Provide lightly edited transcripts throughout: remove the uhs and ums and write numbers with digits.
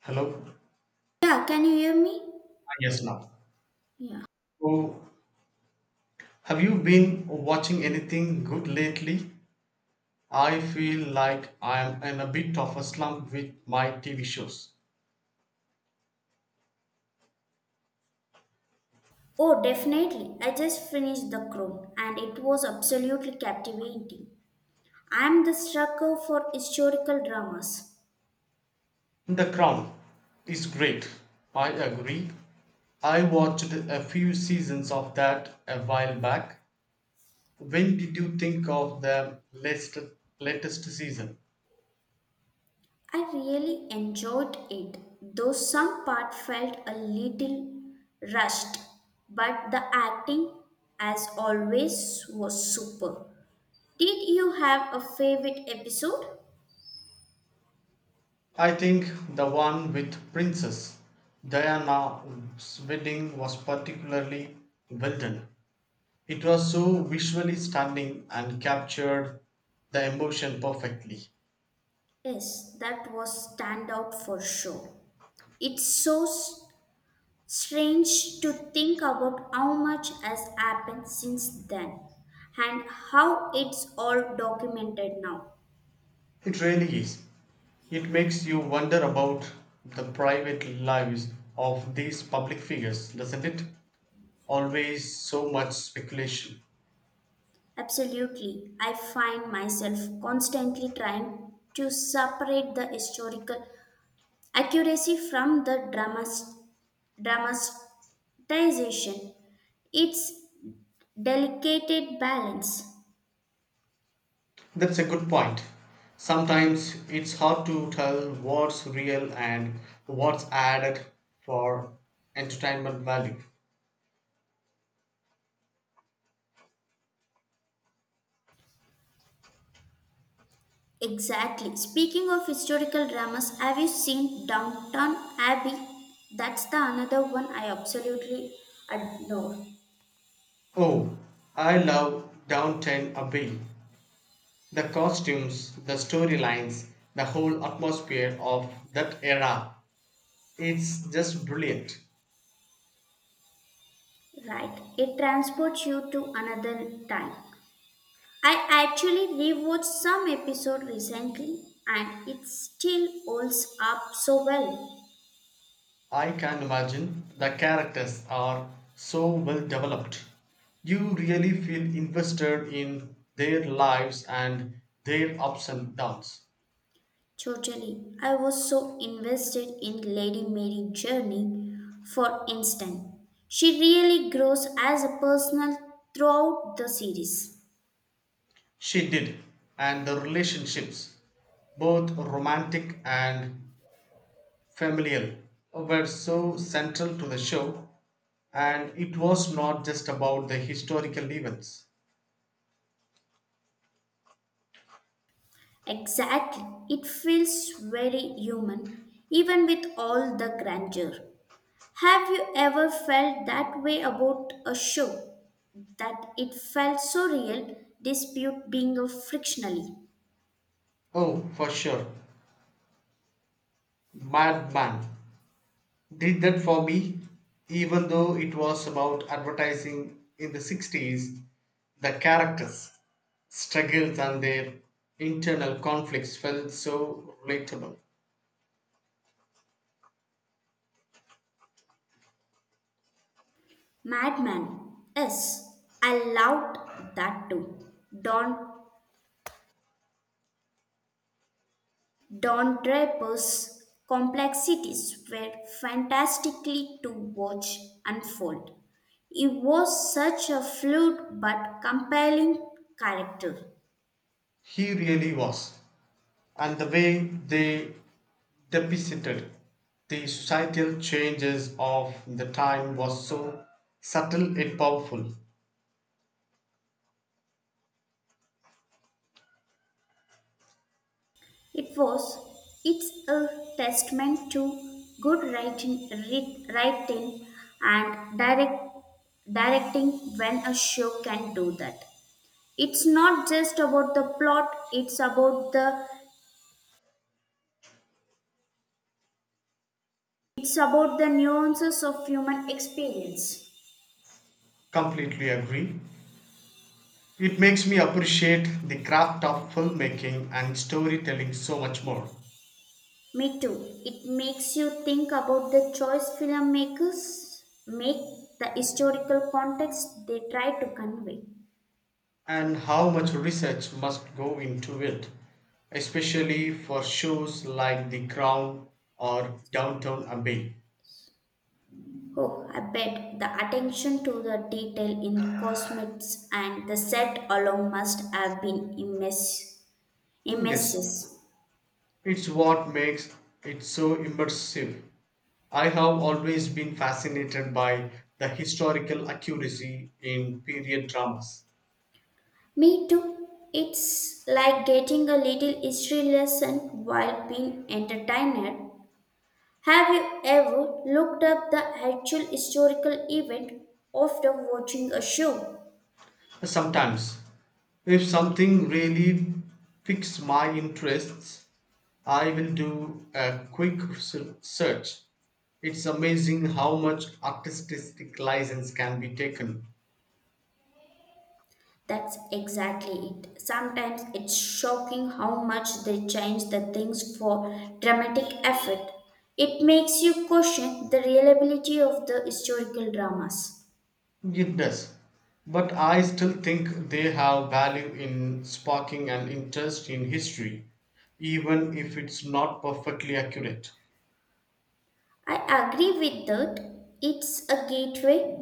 Hello? Yeah, can you hear me? Yes, now. Yeah. So, have you been watching anything good lately? I feel like I'm in a bit of a slump with my TV shows. Oh, definitely. I just finished The Crown and it was absolutely captivating. I'm the sucker for historical dramas. The Crown is great. I agree. I watched a few seasons of that a while back. When did you think of the latest season? I really enjoyed it, though some part felt a little rushed, but the acting, as always, was super. Did you have a favorite episode? I think the one with Princess Diana's wedding was particularly well done. It was so visually stunning and captured the emotion perfectly. Yes, that was standout for sure. It's so s- Strange to think about how much has happened since then and how it's all documented now. It really is. It makes you wonder about the private lives of these public figures, doesn't it? Always so much speculation. Absolutely, I find myself constantly trying to separate the historical accuracy from the dramatization. It's delicate balance. That's a good point. Sometimes it's hard to tell what's real and what's added for entertainment value. Exactly. Speaking of historical dramas, have you seen Downton Abbey? That's the another one I absolutely adore. Oh, I love Downton Abbey. The costumes, the storylines, the whole atmosphere of that era. It's just brilliant. Right. It transports you to another time. I actually rewatched some episode recently and it still holds up so well. I can imagine the characters are so well developed. You really feel invested in their lives and their ups and downs. Totally. I was so invested in Lady Mary's journey, for instance. She really grows as a personal throughout the series. She did, and the relationships, both romantic and familial were so central to the show, and it was not just about the historical events. Exactly. It feels very human, even with all the grandeur. Have you ever felt that way about a show? That it felt so real, dispute being a frictionally. Oh, for sure, Madman did that for me, even though it was about advertising in the 60s, the characters, struggles, and their internal conflicts felt so relatable. Madman. Yes, I loved that too. Don Don Draper's complexities were fantastically to watch unfold. He was such a fluid but compelling character. He really was, and the way they depicted the societal changes of the time was so subtle and powerful. It was it's a testament to good writing and directing when a show can do that. It's not just about the plot; it's about the nuances of human experience. Completely agree. It makes me appreciate the craft of filmmaking and storytelling so much more, Me too. It makes you think about the choice filmmakers make, the historical context they try to convey. and how much research must go into it, especially for shows like The Crown or Downtown Abbey. Oh, I bet the attention to the detail in cosmetics and the set alone must have been immense, Yes, immense. it's what makes it so immersive. I have always been fascinated by the historical accuracy in period dramas. Me too. It's like getting a little history lesson while being entertained. Have you ever looked up the actual historical event after watching a show? Sometimes, if something really piques my interests, I will do a quick search. It's amazing how much artistic license can be taken. That's exactly it. Sometimes it's shocking how much they change the things for dramatic effect. It makes you question the reliability of the historical dramas. It does. But I still think they have value in sparking an interest in history, even if it's not perfectly accurate. I agree with that. It's a gateway.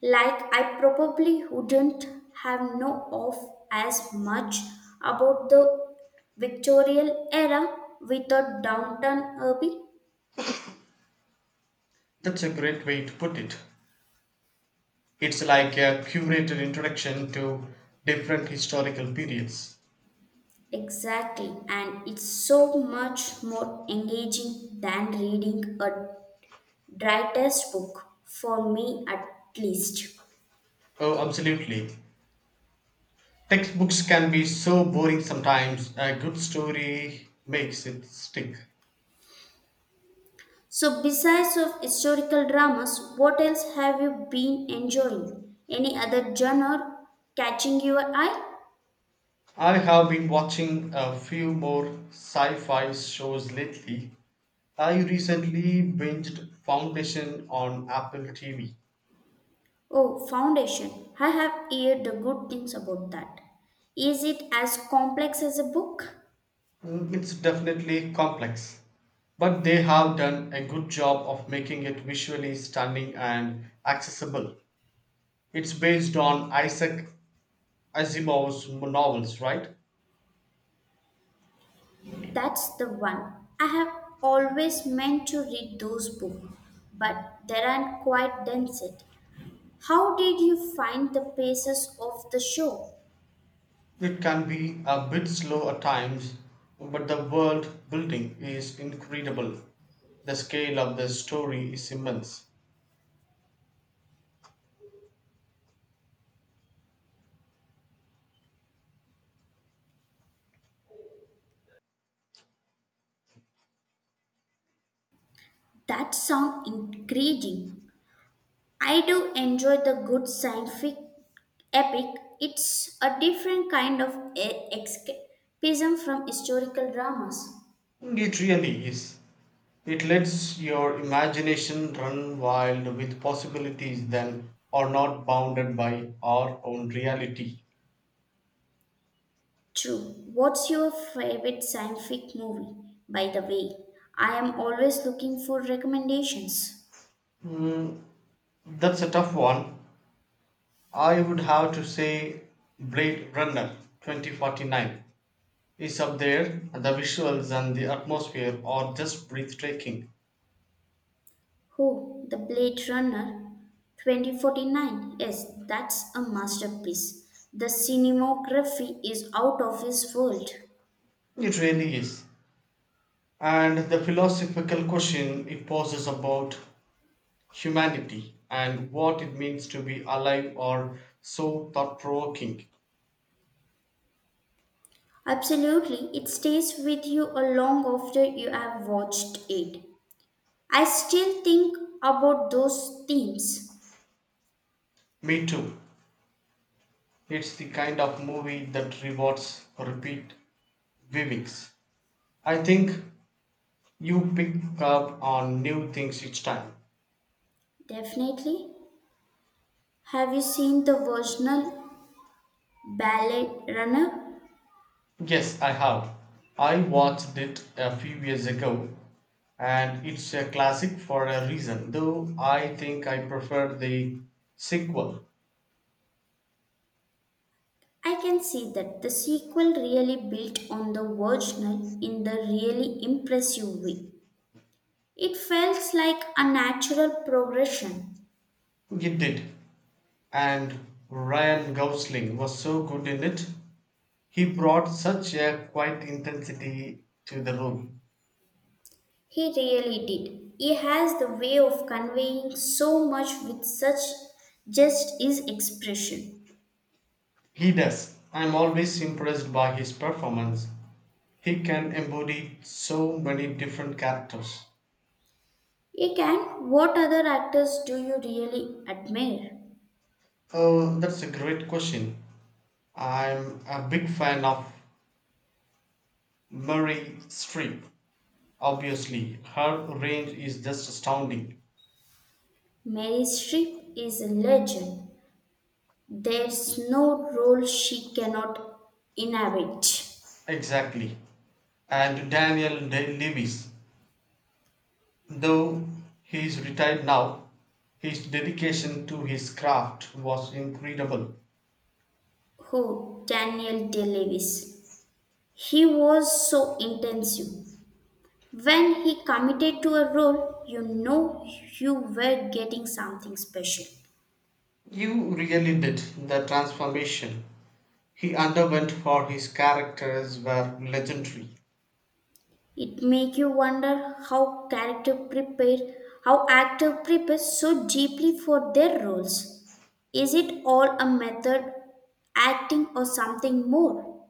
Like I probably wouldn't have known of as much about the Victorian era without Downton Abbey. That's a great way to put it. It's like a curated introduction to different historical periods. Exactly, and it's so much more engaging than reading a dry textbook, for me at least. Oh, absolutely. Textbooks can be so boring sometimes, a good story makes it stick. So, besides of historical dramas, what else have you been enjoying? Any other genre catching your eye? I have been watching a few more sci fi shows lately. I recently binged Foundation on Apple TV. Oh, Foundation. I have heard the good things about that. Is it as complex as a book? It's definitely complex, but they have done a good job of making it visually stunning and accessible. It's based on Isaac Asimov's novels, right? That's the one. I have always meant to read those books, but they aren't quite done yet. How did you find the paces of the show? It can be a bit slow at times, but the world building is incredible. The scale of the story is immense. That sound intriguing. I do enjoy the good scientific epic. It's a different kind of escapism from historical dramas. It really is. It lets your imagination run wild with possibilities that are not bounded by our own reality. True. What's your favorite scientific movie? By the way, I am always looking for recommendations. Mm, that's a tough one. I would have to say Blade Runner 2049 is up there. The visuals and the atmosphere are just breathtaking. Oh, The Blade Runner 2049. Yes, that's a masterpiece. The cinematography is out of this world. It really is. And the philosophical question it poses about humanity and what it means to be alive are so thought provoking. Absolutely, it stays with you a long after you have watched it. I still think about those themes. Me too. It's the kind of movie that rewards repeat viewings. I think you pick up on new things each time. Definitely. Have you seen the original Ballet Runner? Yes, I have. I watched it a few years ago and it's a classic for a reason, though I think I prefer the sequel. I can see that the sequel really built on the original in the really impressive way. It felt like a natural progression. It did. And Ryan Gosling was so good in it. He brought such a quiet intensity to the role. He really did. He has the way of conveying so much with such just his expression. He does. I'm always impressed by his performance. He can embody so many different characters. Again, what other actors do you really admire? Oh, that's a great question. I'm a big fan of Murray Streep. Obviously, her range is just astounding. Mary Streep is a legend. There's no role she cannot inhabit. Exactly. And Daniel Day Lewis. Though he is retired now, his dedication to his craft was incredible. Who? Daniel Day Lewis. He was so intensive. When he committed to a role, you know you were getting something special. You really did. The transformation he underwent for his characters were legendary. It make you wonder how character prepare, how actor prepares so deeply for their roles. Is it all a method acting or something more?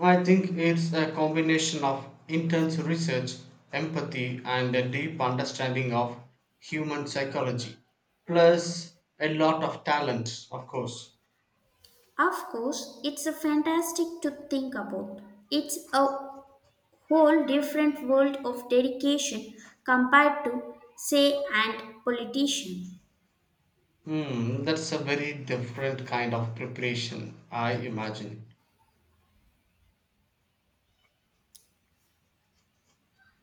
I think it's a combination of intense research, empathy, and a deep understanding of human psychology, plus a lot of talent, of course. Of course, it's a fantastic to think about. It's a whole different world of dedication compared to, say, an politician. Hmm, that's a very different kind of preparation, I imagine.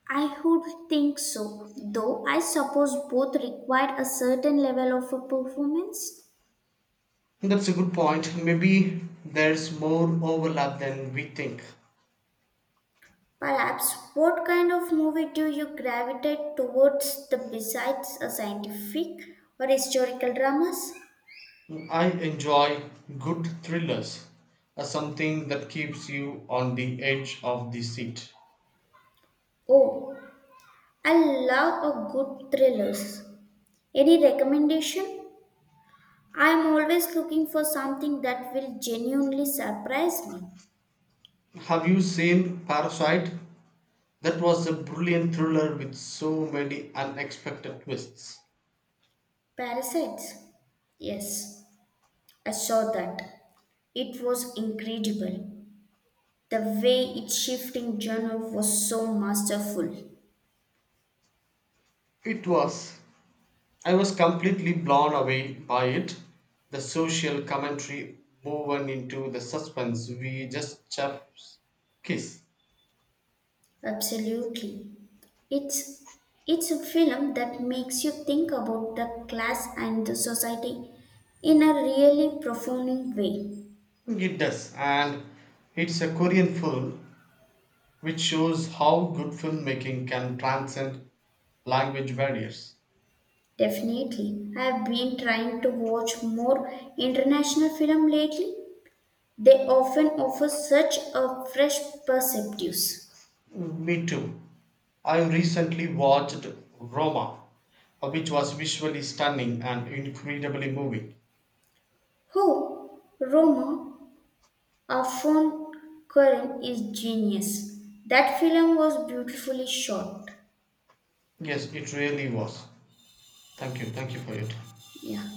I would think so, though I suppose both require a certain level of a performance. That's a good point. Maybe there's more overlap than we think. Perhaps what kind of movie do you gravitate towards the besides a scientific or historical dramas? I enjoy good thrillers as something that keeps you on the edge of the seat. Oh, I love a good thrillers. Any recommendation? I am always looking for something that will genuinely surprise me. Have you seen Parasite? That was a brilliant thriller with so many unexpected twists. Parasites. Yes, I saw that. It was incredible. The way its shifting genre was so masterful. It was. I was completely blown away by it. The social commentary woven into the suspense we just chefs kiss. Absolutely. It's it's a film that makes you think about the class and the society in a really profound way. It does, and it's a Korean film which shows how good filmmaking can transcend language barriers. Definitely. I have been trying to watch more international film lately. They often offer such a fresh perspectives. Me too. I recently watched Roma, which was visually stunning and incredibly moving. Oh, Roma Afon Karim is genius. That film was beautifully shot. Yes, it really was. Thank you. Thank you for your time. Yeah.